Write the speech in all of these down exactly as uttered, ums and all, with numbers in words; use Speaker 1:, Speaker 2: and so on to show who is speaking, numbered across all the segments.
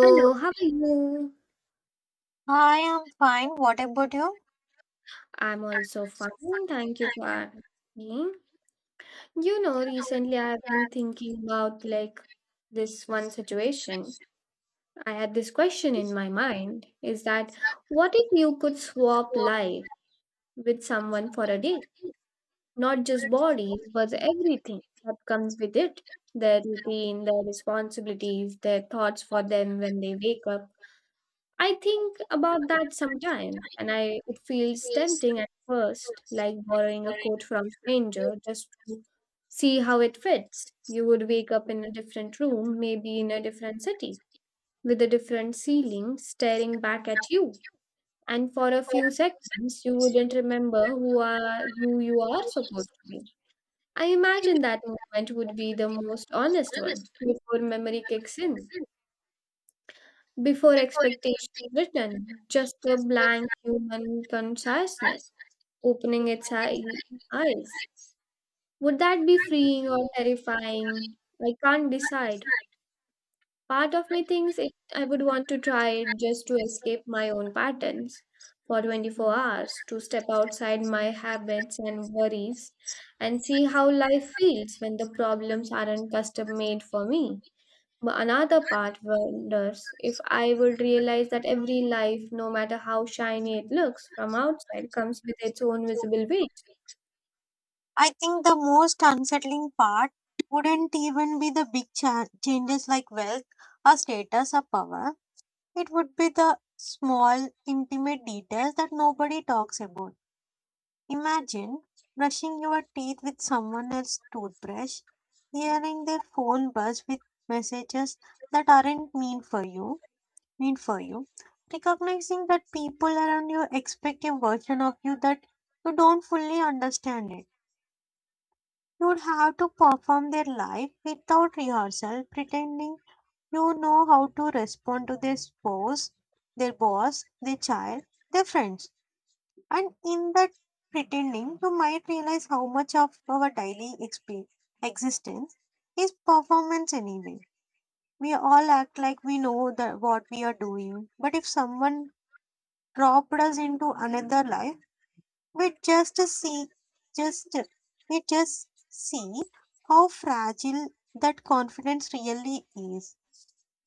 Speaker 1: Hello,
Speaker 2: how are you?
Speaker 1: I am fine. What about you?
Speaker 2: I'm
Speaker 1: I'm
Speaker 2: also fine.
Speaker 1: also fine.
Speaker 2: Thank you
Speaker 1: Thank
Speaker 2: for
Speaker 1: you.
Speaker 2: asking. You
Speaker 1: You
Speaker 2: know,
Speaker 1: know, looking
Speaker 2: recently I've been thinking about like this one situation.
Speaker 1: situations,
Speaker 2: I had this question in my
Speaker 1: questioning
Speaker 2: mind is that
Speaker 1: things that
Speaker 2: what if you could
Speaker 1: could
Speaker 2: swap
Speaker 1: work
Speaker 2: life with someone for a
Speaker 1: someone for
Speaker 2: day?
Speaker 1: a week,
Speaker 2: Not just
Speaker 1: not just
Speaker 2: bodies, but everything that comes with it. Their routine, their responsibilities, their thoughts for them when they wake up. I think about that sometimes, and I it feels tempting at first, like borrowing a coat from a stranger just to see how it fits. You would wake up in a different room, maybe in a different city, with a different ceiling staring back at you. And for a few seconds, you wouldn't remember who are who you are supposed to be. I imagine that moment would be the most honest one before memory kicks in. Before expectations written, just a blank human consciousness opening its eye- eyes. Would that be freeing or terrifying? I can't decide. Part of me thinks it, I would want to try it just to escape my own patterns for twenty-four hours, to step outside my habits and worries and see how life feels when the problems aren't custom made for me. But another part wonders if I would realize that every life, no matter how shiny it looks from outside, comes with its own visible weight.
Speaker 1: I think the most unsettling part wouldn't even be the big cha- changes like wealth or status or power. It would be the small, intimate details that nobody talks about. Imagine brushing your teeth with someone else's toothbrush, hearing their phone buzz with messages that aren't mean for you, mean for you, recognizing that people around you expect a version of you that you don't fully understand it. You would have to perform their life without rehearsal, pretending you know how to respond to their spouse, their boss, their child, their friends. And in that pretending, you might realize how much of our daily exp- existence is performance anyway. We all act like we know that what we are doing, but if someone dropped us into another life, we just see, just we just see how fragile that confidence really is.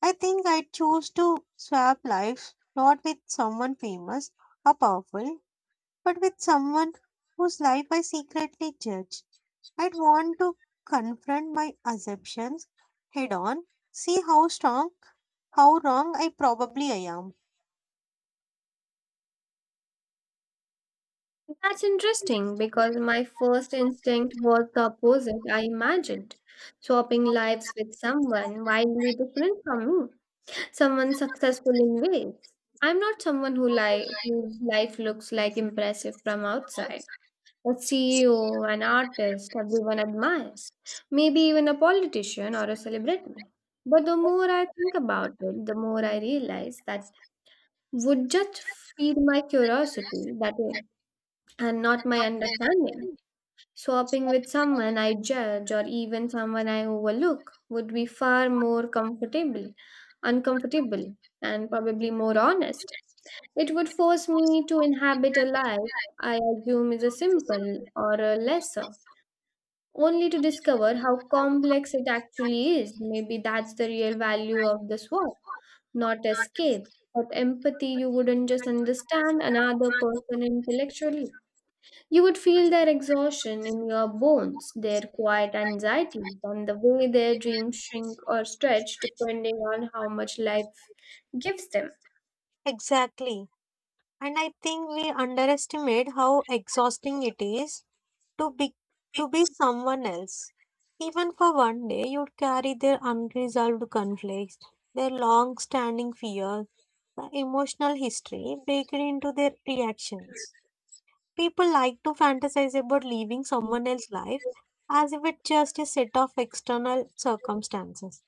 Speaker 1: I think I choose to swap lives not with someone famous or powerful, but with someone whose life I secretly judge. I'd want to confront my assumptions head on, see how strong, how wrong I probably am.
Speaker 2: That's interesting because my first instinct was the opposite. I imagined swapping lives with someone wildly different from me, someone successful in ways I'm not, someone who li- whose life looks like impressive from outside: a C E O, an artist everyone admires, maybe even a politician or a celebrity. But the more I think about it, the more I realize that would just feed my curiosity that is, and not my understanding. Swapping with someone I judge or even someone I overlook would be far more comfortable, uncomfortable, and probably more honest. It would force me to inhabit a life I assume is a simple or a lesser only to discover how complex it actually is. Maybe that's the real value of the swap: not escape, but empathy. You wouldn't just understand another person intellectually. You would feel their exhaustion in your bones, their quiet anxieties, and the way their dreams shrink or stretch depending on how much life gives them.
Speaker 1: Exactly. And I think we underestimate how exhausting it is to be to be someone else. Even for one day, you'd carry their unresolved conflicts, their long standing fears, the emotional history baked into their reactions. People like to fantasize about living someone else's life as if it's just a set of external circumstances.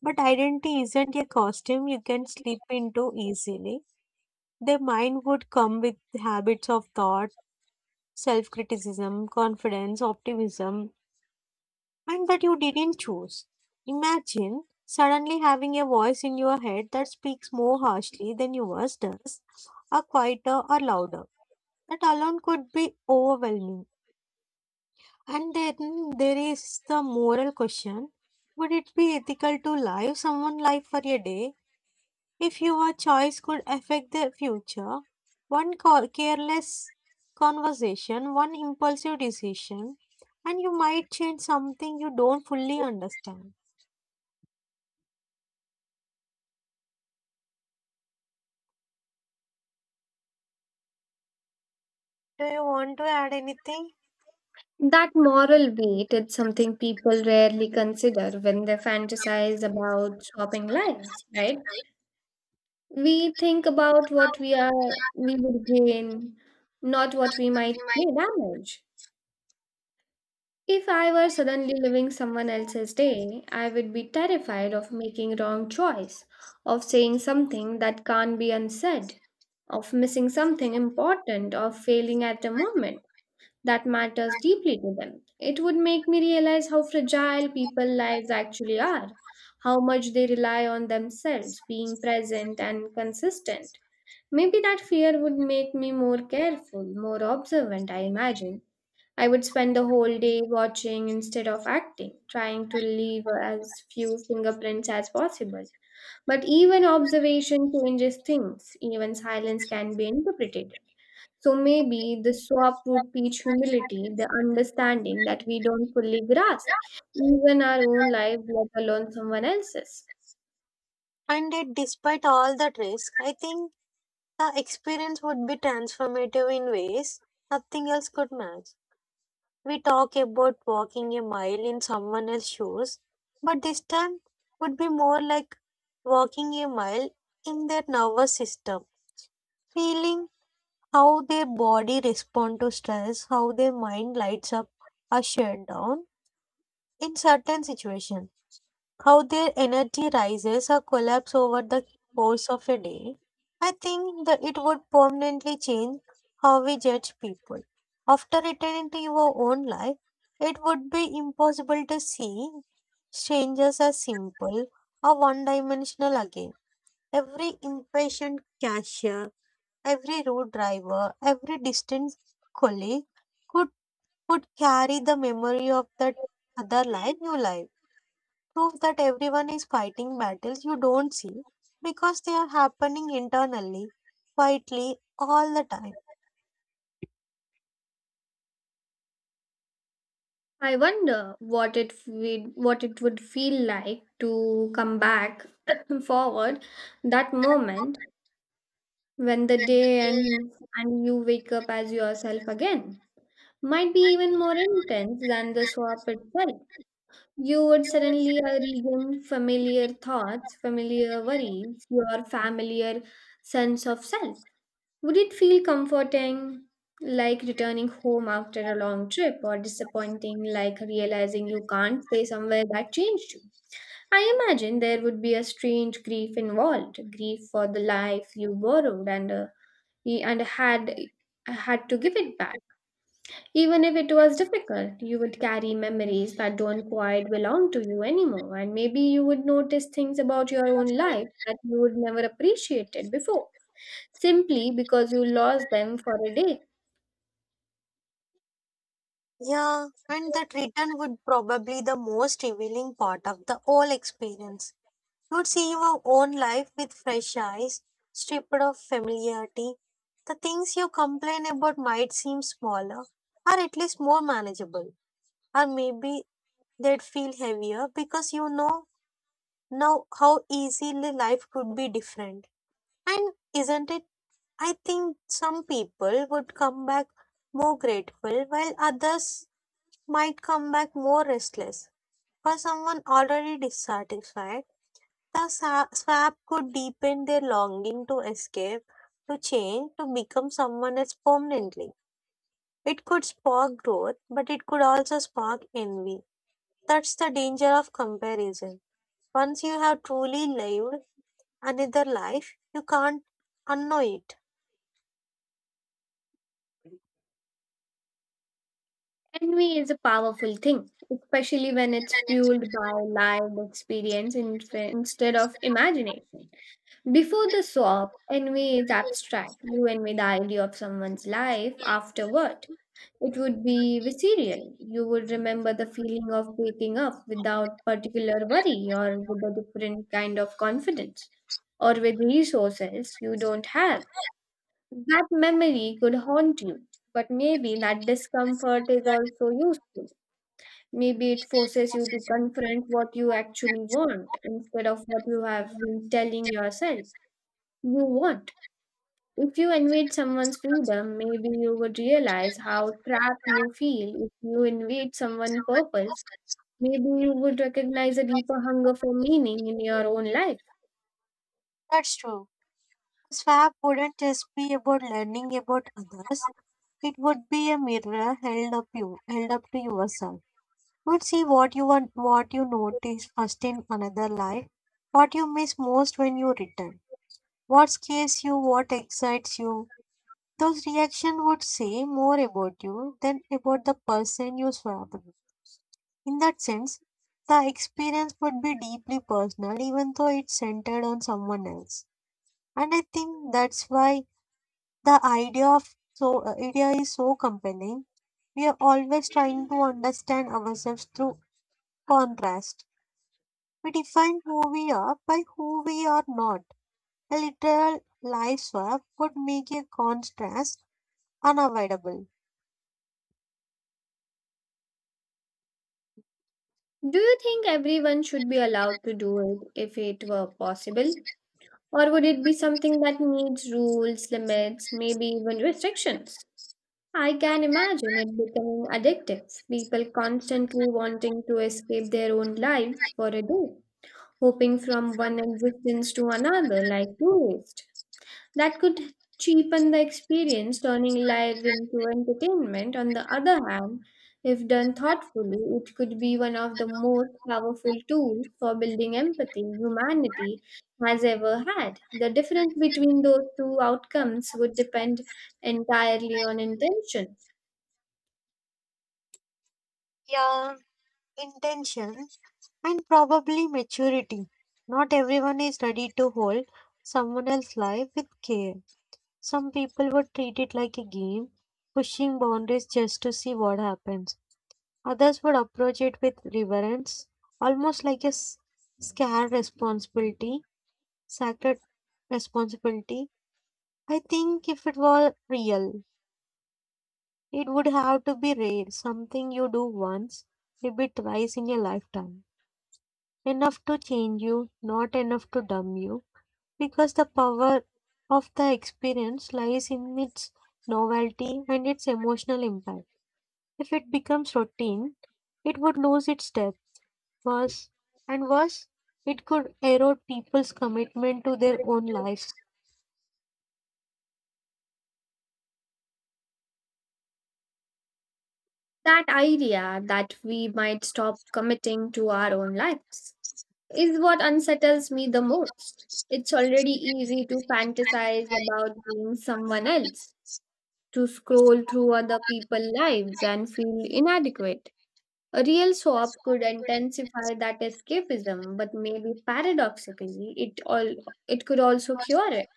Speaker 1: But identity isn't a costume you can slip into easily. Their mind would come with habits of thought, self criticism, confidence, optimism, and that you didn't choose. Imagine suddenly having a voice in your head that speaks more harshly than yours does, or quieter or louder. That alone could be overwhelming. And then there is the moral question. Would it be ethical to live someone's life for a day if your choice could affect their future? One co- careless conversation, one impulsive decision, and you might change something you don't fully understand. Do you want to add anything?
Speaker 2: That moral weight is something people rarely consider when they fantasize about swapping lives, right? We think about what we are we would gain, not what we might may damage. If I were suddenly living someone else's day, I would be terrified of making wrong choice, of saying something that can't be unsaid, of missing something important, of failing at a moment that matters deeply to them. It would make me realize how fragile people's lives actually are, how much they rely on themselves, being present and consistent. Maybe that fear would make me more careful, more observant, I imagine. I would spend the whole day watching instead of acting, trying to leave as few fingerprints as possible. But even observation changes things, even silence can be interpreted. So maybe the swap would teach humility, the understanding that we don't fully grasp even our own life, let alone someone else's.
Speaker 1: And yet, despite all that risk, I think the experience would be transformative in ways nothing else could match. We talk about walking a mile in someone else's shoes, but this time would be more like walking a mile in their nervous system, feeling how their body responds to stress, how their mind lights up or shut down in certain situations, how their energy rises or collapse over the course of a day. I think that it would permanently change how we judge people. After returning to your own life, it would be impossible to see strangers as simple or one dimensional again. Every impatient cashier, every road driver, every distant colleague could, could carry the memory of that other life you live, proof that everyone is fighting battles you don't see because they are happening internally, quietly, all the time.
Speaker 2: I wonder what it would what it would feel like to come back forward that moment when the day ends and you wake up as yourself again. Might be even more intense than the swap itself. You would suddenly uh, regain familiar thoughts, familiar worries, your familiar sense of self. Would it feel comforting, like returning home after a long trip, or disappointing, like realizing you can't stay somewhere that changed you? I imagine there would be a strange grief involved, grief for the life you borrowed and uh, y- and had had to give it back. Even if it was difficult, you would carry memories that don't quite belong to you anymore, and maybe you would notice things about your own life that you would never appreciated before, simply because you lost them for a day.
Speaker 1: Yeah, and that return would probably the most revealing part of the whole experience. You'd see your own life with fresh eyes, stripped of familiarity. The things you complain about might seem smaller, or at least more manageable, or maybe they'd feel heavier because you know now how easily life could be different. And isn't it? I think some people would come back more grateful, while others might come back more restless. For someone already dissatisfied, the sa- swap could deepen their longing to escape, to change, to become someone else permanently. It could spark growth, but it could also spark envy. That's the danger of comparison. Once you have truly lived another life, you can't unknow it.
Speaker 2: Envy is a powerful thing, especially when it's fueled by lived experience in- instead of imagination. Before the swap, envy is abstract. You envy the idea of someone's life. Afterward, it would be visceral. You would remember the feeling of waking up without particular worry, or with a different kind of confidence, or with resources you don't have. That memory could haunt you, but maybe that discomfort is also useful. Maybe it forces you to confront what you actually want instead of what you have been telling yourself you want. If you invade someone's freedom, maybe you would realize how trapped you feel. If you invade someone's purpose, maybe you would recognize a deeper hunger for meaning in your own life.
Speaker 1: That's true. Swap wouldn't just be about learning about others. It would be a mirror held up you held up to yourself. You would see what you want what you notice first in another life, what you miss most when you return, what scares you, what excites you. Those reactions would say more about you than about the person you swapped with. In that sense, the experience would be deeply personal even though it's centered on someone else. And I think that's why the idea of so uh, idea is so compelling. We are always trying to understand ourselves through contrast. We define who we are by who we are not. A literal life swap would make a contrast unavoidable.
Speaker 2: Do you think everyone should be allowed to do it if it were possible? Or would it be something that needs rules, limits, maybe even restrictions? I can imagine it becoming addictive. People constantly wanting to escape their own lives for a day, hopping from one existence to another like tourists. That could cheapen the experience, turning lives into entertainment. On the other hand, if done thoughtfully, it could be one of the most powerful tools for building empathy humanity has ever had. The difference between those two outcomes would depend entirely on intention.
Speaker 1: Yeah, intention and probably maturity. Not everyone is ready to hold someone else's life with care. Some people would treat it like a game, pushing boundaries just to see what happens. Others would approach it with reverence, almost like a s- sacred responsibility, sacred responsibility. I think if it were real, it would have to be rare, something you do once, maybe twice in your lifetime. Enough to change you, not enough to dumb you, because the power of the experience lies in its novelty and its emotional impact. If it becomes routine, it would lose its depth. Worse and worse, it could erode people's commitment to their own lives.
Speaker 2: That idea that we might stop committing to our own lives is what unsettles me the most. It's already easy to fantasize about being someone else, to scroll through other people's lives and feel inadequate. A real swap could intensify that escapism, but maybe paradoxically, it all it could also cure it.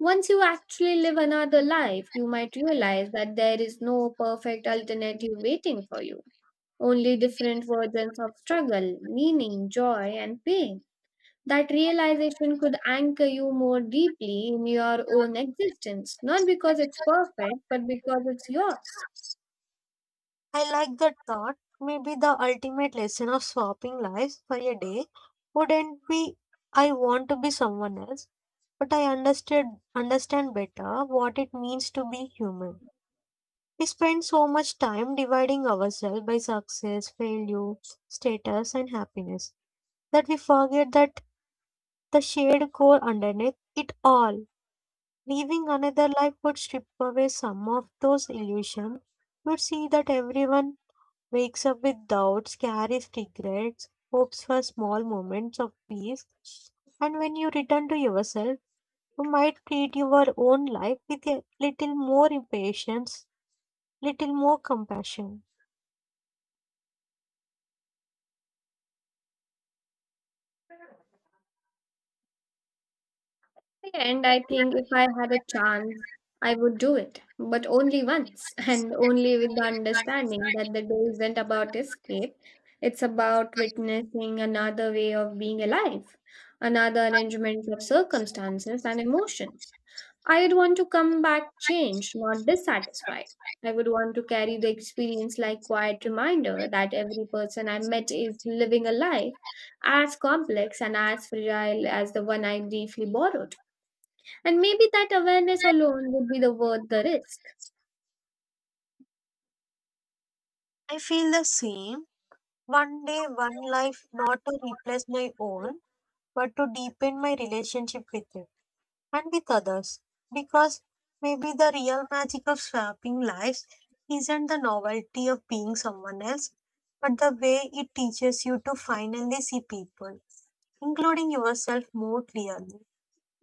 Speaker 2: Once you actually live another life, you might realize that there is no perfect alternative waiting for you, only different versions of struggle, meaning, joy, and pain. That realization could anchor you more deeply in your own existence, not because it's perfect, but because it's yours.
Speaker 1: I like that thought. Maybe the ultimate lesson of swapping lives for a day wouldn't be I want to be someone else, but I understood understand better what it means to be human. We spend so much time dividing ourselves by success, failure, status, and happiness, that we forget that the shared core underneath it all, living another life, would strip away some of those illusions. You would see that everyone wakes up with doubts, carries regrets, hopes for small moments of peace. And when you return to yourself, you might treat your own life with a little more patience, little more compassion.
Speaker 2: And I think if I had a chance, I would do it, but only once, and only with the understanding that the day isn't about escape. It's about witnessing another way of being alive, another arrangement of circumstances and emotions. I'd want to come back changed, not dissatisfied. I would want to carry the experience like quiet reminder that every person I met is living a life as complex and as fragile as the one I briefly borrowed. And maybe that awareness alone would be the worth the risk.
Speaker 1: I feel the same. One day, one life, not to replace my own, but to deepen my relationship with it, and with others, because maybe the real magic of swapping lives isn't the novelty of being someone else, but the way it teaches you to finally see people, including yourself, more clearly.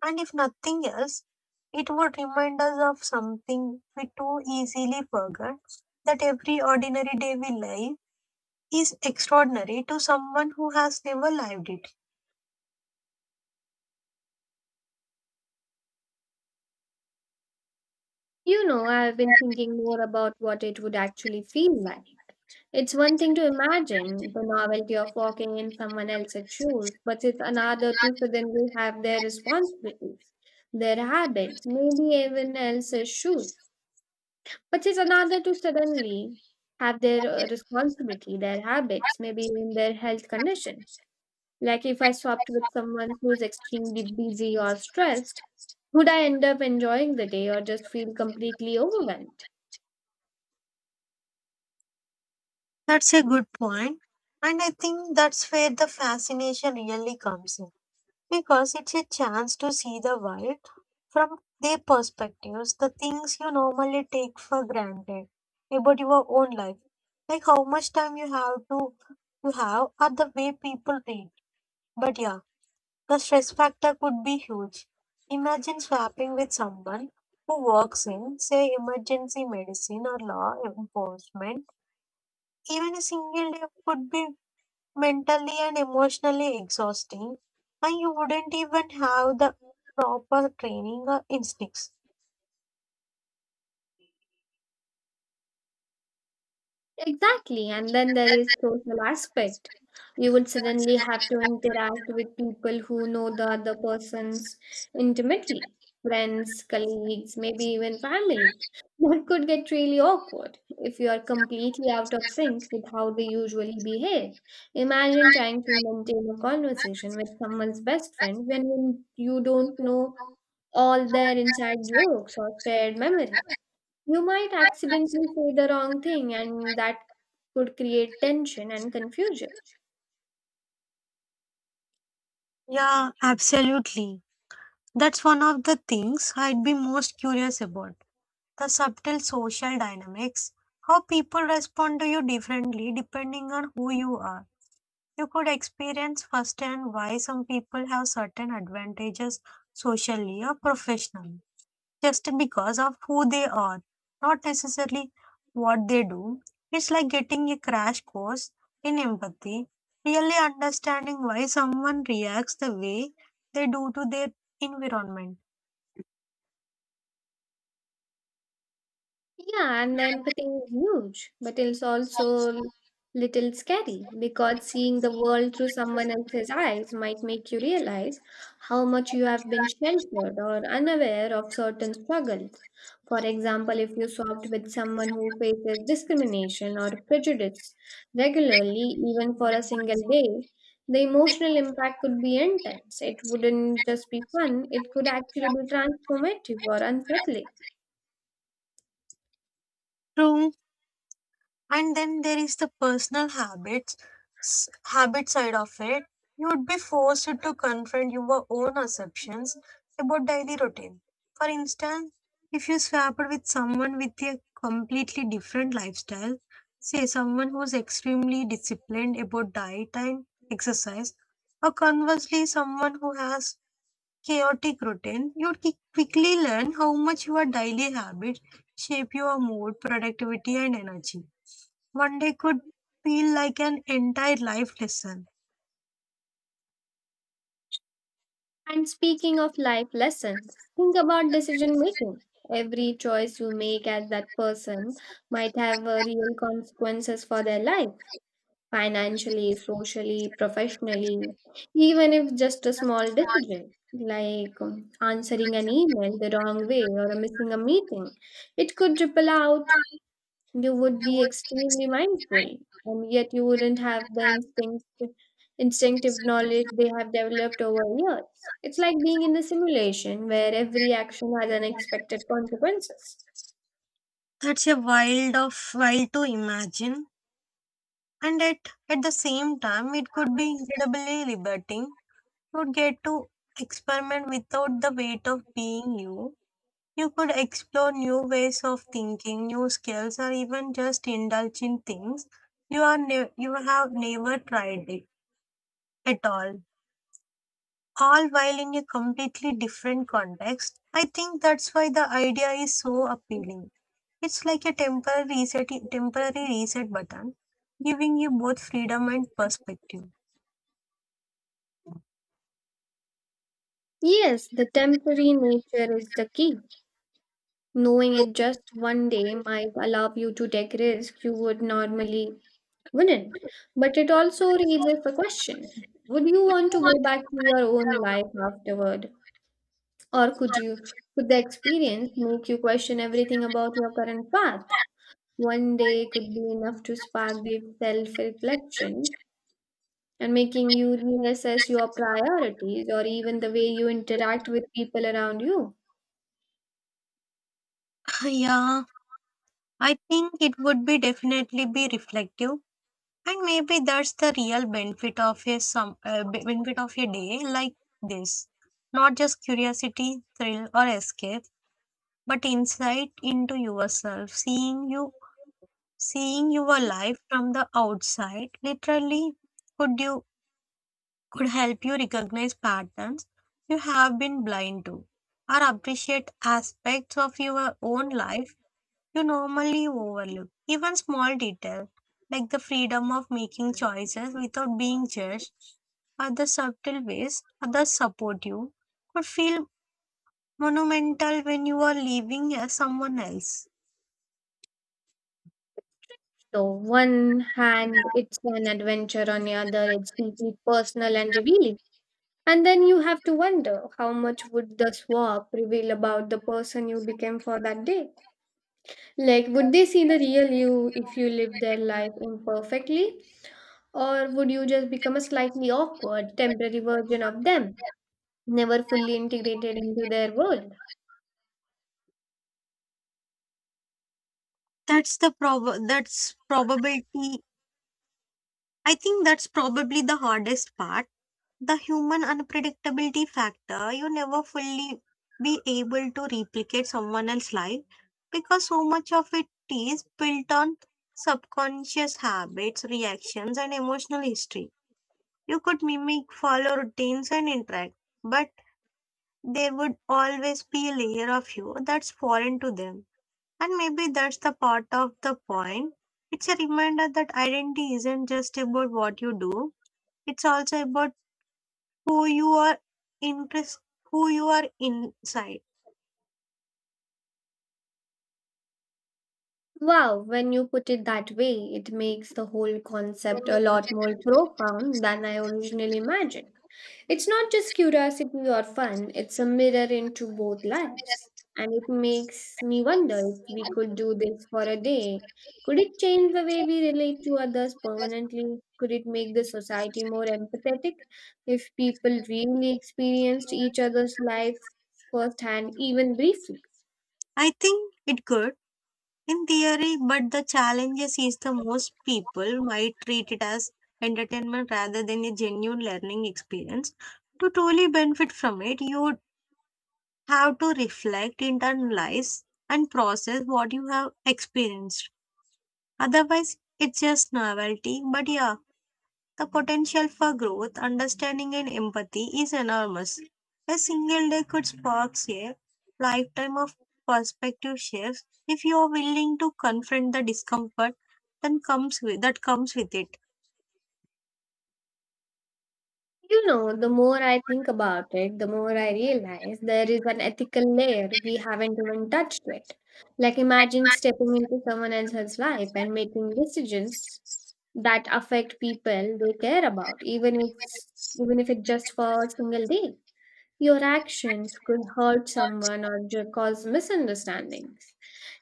Speaker 1: And if nothing else, it would remind us of something we too easily forget, that every ordinary day we live is extraordinary to someone who has never lived it.
Speaker 2: You know, I've been thinking more about what it would actually feel like. It's one thing to imagine the novelty of walking in someone else's shoes, but it's another to suddenly have their responsibilities, their habits, maybe even else's shoes. But it's another to suddenly have their uh, responsibility, their habits, maybe even their health condition. Like, if I swapped with someone who's extremely busy or stressed, would I end up enjoying the day or just feel completely overwhelmed?
Speaker 1: That's a good point. And I think that's where the fascination really comes in, because it's a chance to see the world from their perspectives, the things you normally take for granted about your own life, like how much time you have to you have or the way people read. But yeah, the stress factor could be huge. Imagine swapping with someone who works in, say, emergency medicine or law enforcement. Even a single day could be mentally and emotionally exhausting, and you wouldn't even have the proper training or instincts.
Speaker 2: Exactly. And then there is social aspect. You will suddenly have to interact with people who know the other persons intimately: friends, colleagues, maybe even family. That could get really awkward if you are completely out of sync with how they usually behave. Imagine trying to maintain a conversation with someone's best friend when you don't know all their inside jokes or shared memories. You might accidentally say the wrong thing, and that could create tension and confusion.
Speaker 1: Yeah, absolutely. That's one of the things I'd be most curious about, the subtle social dynamics, how people respond to you differently depending on who you are. You could experience firsthand why some people have certain advantages socially or professionally, just because of who they are, not necessarily what they do. It's like getting a crash course in empathy, really understanding why someone reacts the way they do to their environment.
Speaker 2: Yeah, and the empathy is huge, but it's also l- little scary because seeing the world through someone else's eyes might make you realize how much you have been sheltered or unaware of certain struggles. For example, if you swapped with someone who faces discrimination or prejudice regularly, even for a single day, the emotional impact could be intense. It wouldn't just be fun, it could actually be transformative or unsettling.
Speaker 1: True. And then there is the personal habits, s- habit side of it. You would be forced to confront your own assumptions about daily routine. For instance, if you swapped with someone with a completely different lifestyle, say someone who's extremely disciplined about diet and exercise, or conversely, someone who has chaotic routine, you'd qui- quickly learn how much your daily habits shape your mood, productivity, and energy. One day could feel like an entire life lesson.
Speaker 2: And speaking of life lessons, think about decision making. Every choice you make as that person might have uh, real consequences for their life, financially, socially, professionally, even if just a small decision like um, answering an email the wrong way or uh, missing a meeting. It could ripple out. You would be extremely mindful, and yet you wouldn't have the instinct, instinctive knowledge they have developed over years. It's like being in a simulation where every action has unexpected consequences.
Speaker 1: That's a wild of wild to imagine. And at, at the same time, it could be incredibly liberating. You'd get to experiment without the weight of being you. You could explore new ways of thinking, new skills, or even just indulge in things you are ne- you have never tried it at all. All while in a completely different context. I think that's why the idea is so appealing. It's like a temporary reset, temporary reset button, giving you both freedom and perspective.
Speaker 2: Yes, the temporary nature is the key. Knowing it just one day might allow you to take risks you would normally wouldn't. But it also raises the question: would you want to go back to your own life afterward? Or could you Could the experience make you question everything about your current path? One day could be enough to spark deep self-reflection and making you reassess your priorities or even the way you interact with people around you.
Speaker 1: Yeah, I think it would be definitely be reflective, and maybe that's the real benefit of a some uh, be- benefit of a day like this. Not just curiosity, thrill, or escape, but insight into yourself, seeing you, seeing your life from the outside. Literally, could you could help you recognize patterns you have been blind to or appreciate aspects of your own life you normally overlook. Even small details like the freedom of making choices without being judged or the subtle ways others support you could feel monumental when you are living as someone else.
Speaker 2: So one hand it's an adventure, on the other it's deeply personal and revealing. And then you have to wonder how much would the swap reveal about the person you became for that day. Like, would they see the real you if you live their life imperfectly? Or would you just become a slightly awkward, temporary version of them, never fully integrated into their world?
Speaker 1: That's the prob- that's probability. I think that's probably the hardest part, the human unpredictability factor. You never fully be able to replicate someone else's life because so much of it is built on subconscious habits, reactions, and emotional history. You could mimic, follow routines, and interact, but there would always be a layer of you that's foreign to them. And maybe that's the part of the point. It's a reminder that identity isn't just about what you do, it's also about who you are interest who you are inside.
Speaker 2: Wow, when you put it that way, it makes the whole concept a lot more profound than I originally imagined. It's not just curiosity or fun, it's a mirror into both lives. And it makes me wonder if we could do this for a day. Could it change the way we relate to others permanently? Could it make the society more empathetic if people really experienced each other's life firsthand, even briefly?
Speaker 1: I think it could in theory, but the challenges is the most people might treat it as entertainment rather than a genuine learning experience. To truly benefit from it, you would have to reflect, internalize, and process what you have experienced. Otherwise it's just novelty. But yeah, the potential for growth, understanding, and empathy is enormous. A single day could spark a lifetime of perspective shifts if you are willing to confront the discomfort that comes with, that comes with it.
Speaker 2: You know, the more I think about it, the more I realize there is an ethical layer we haven't even touched yet. Like, imagine stepping into someone else's life and making decisions that affect people they care about, even if even if it's just for a single day. Your actions could hurt someone or ju- cause misunderstandings.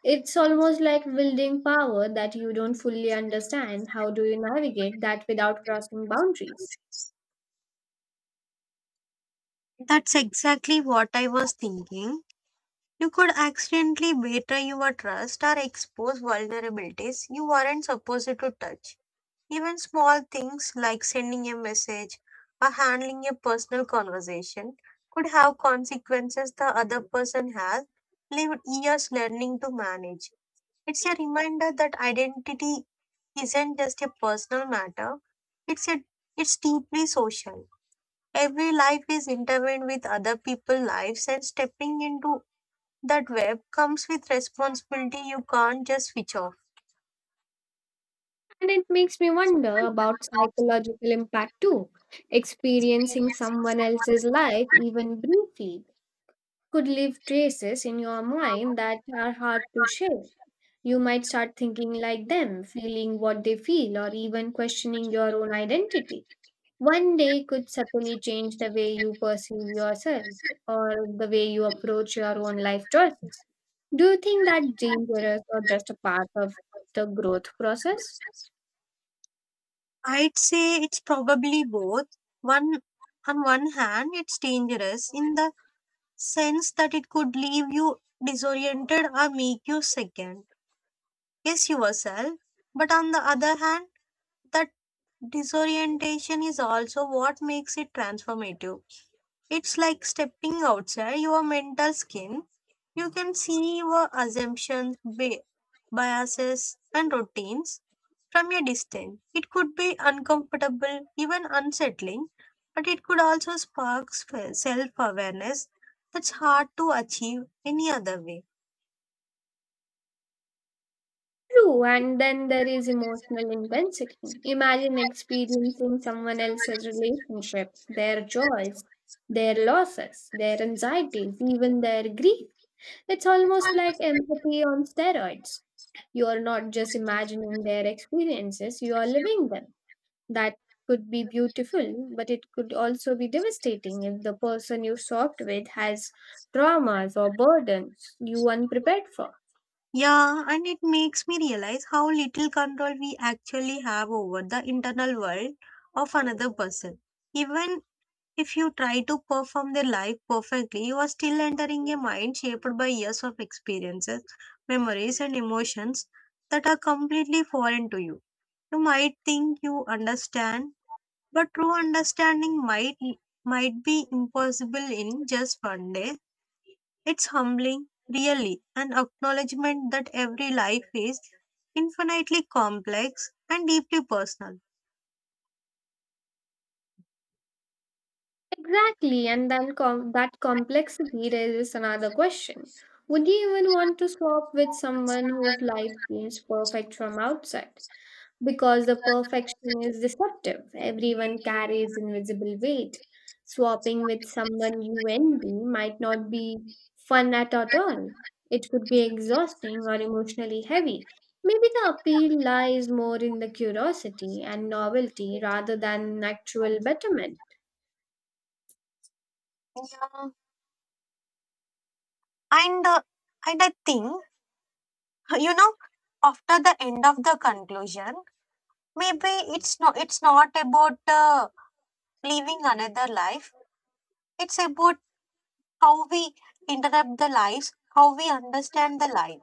Speaker 2: It's almost like wielding power that you don't fully understand. How do you navigate that without crossing boundaries?
Speaker 1: That's exactly what I was thinking. You could accidentally betray your trust or expose vulnerabilities you weren't supposed to touch. Even small things like sending a message or handling a personal conversation could have consequences the other person has lived years learning to manage. It's a reminder that identity isn't just a personal matter, it's a it's deeply social. Every life is intertwined with other people's lives, and stepping into that web comes with responsibility you can't just switch off.
Speaker 2: And it makes me wonder about psychological impact too. Experiencing someone else's life, even briefly, could leave traces in your mind that are hard to share. You might start thinking like them, feeling what they feel, or even questioning your own identity. One day could subtly change the way you perceive yourself or the way you approach your own life choices. Do you think that dangerous or just a part of the growth process?
Speaker 1: I'd say it's probably both. One, on one hand, it's dangerous in the sense that it could leave you disoriented or make you second guess yourself. But on the other hand, that disorientation is also what makes it transformative. It's like stepping outside your mental skin. You can see your assumptions, ba- biases, and routines from a distance. It could be uncomfortable, even unsettling, but it could also spark self awareness that's hard to achieve any other way.
Speaker 2: True, and then there is emotional intensity. Imagine experiencing someone else's relationships, their joys, their losses, their anxieties, even their grief. It's almost like empathy on steroids. You are not just imagining their experiences, you are living them. That could be beautiful, but it could also be devastating if the person you sobbed with has traumas or burdens you unprepared for.
Speaker 1: Yeah, and it makes me realize how little control we actually have over the internal world of another person. Even if you try to perform their life perfectly, you are still entering a mind shaped by years of experiences, memories, and emotions that are completely foreign to you. You might think you understand, but true understanding might might be impossible in just one day. It's humbling, really, an acknowledgement that every life is infinitely complex and deeply personal.
Speaker 2: Exactly, and then com- that complexity raises another question. Would you even want to swap with someone whose life seems perfect from outside? Because the perfection is deceptive. Everyone carries invisible weight. Swapping with someone you envy might not be fun at all. It could be exhausting or emotionally heavy. Maybe the appeal lies more in the curiosity and novelty rather than actual betterment.
Speaker 1: Yeah. And uh, and I think you know after the end of the conclusion, maybe it's not it's not about uh, living another life. It's about how we interrupt the lives, how we understand the life.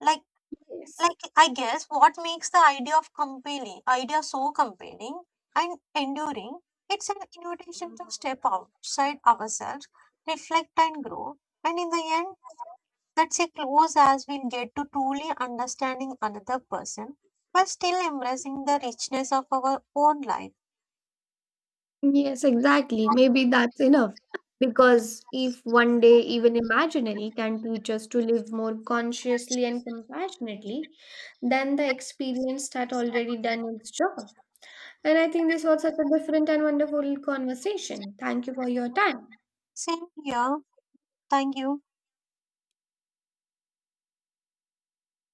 Speaker 1: like
Speaker 2: Yes.
Speaker 1: like I guess what makes the idea of compelling idea so compelling and enduring, it's an invitation to step outside ourselves, reflect, and grow. And in the end, that's a close as we'll get to truly understanding another person while still embracing the richness of our own life.
Speaker 2: Yes, exactly. Maybe that's enough. Because if one day even imaginary can teach us to live more consciously and compassionately, then the experience had already done its job. And I think this was such a different and wonderful conversation. Thank you for your time.
Speaker 1: Same here. Thank you.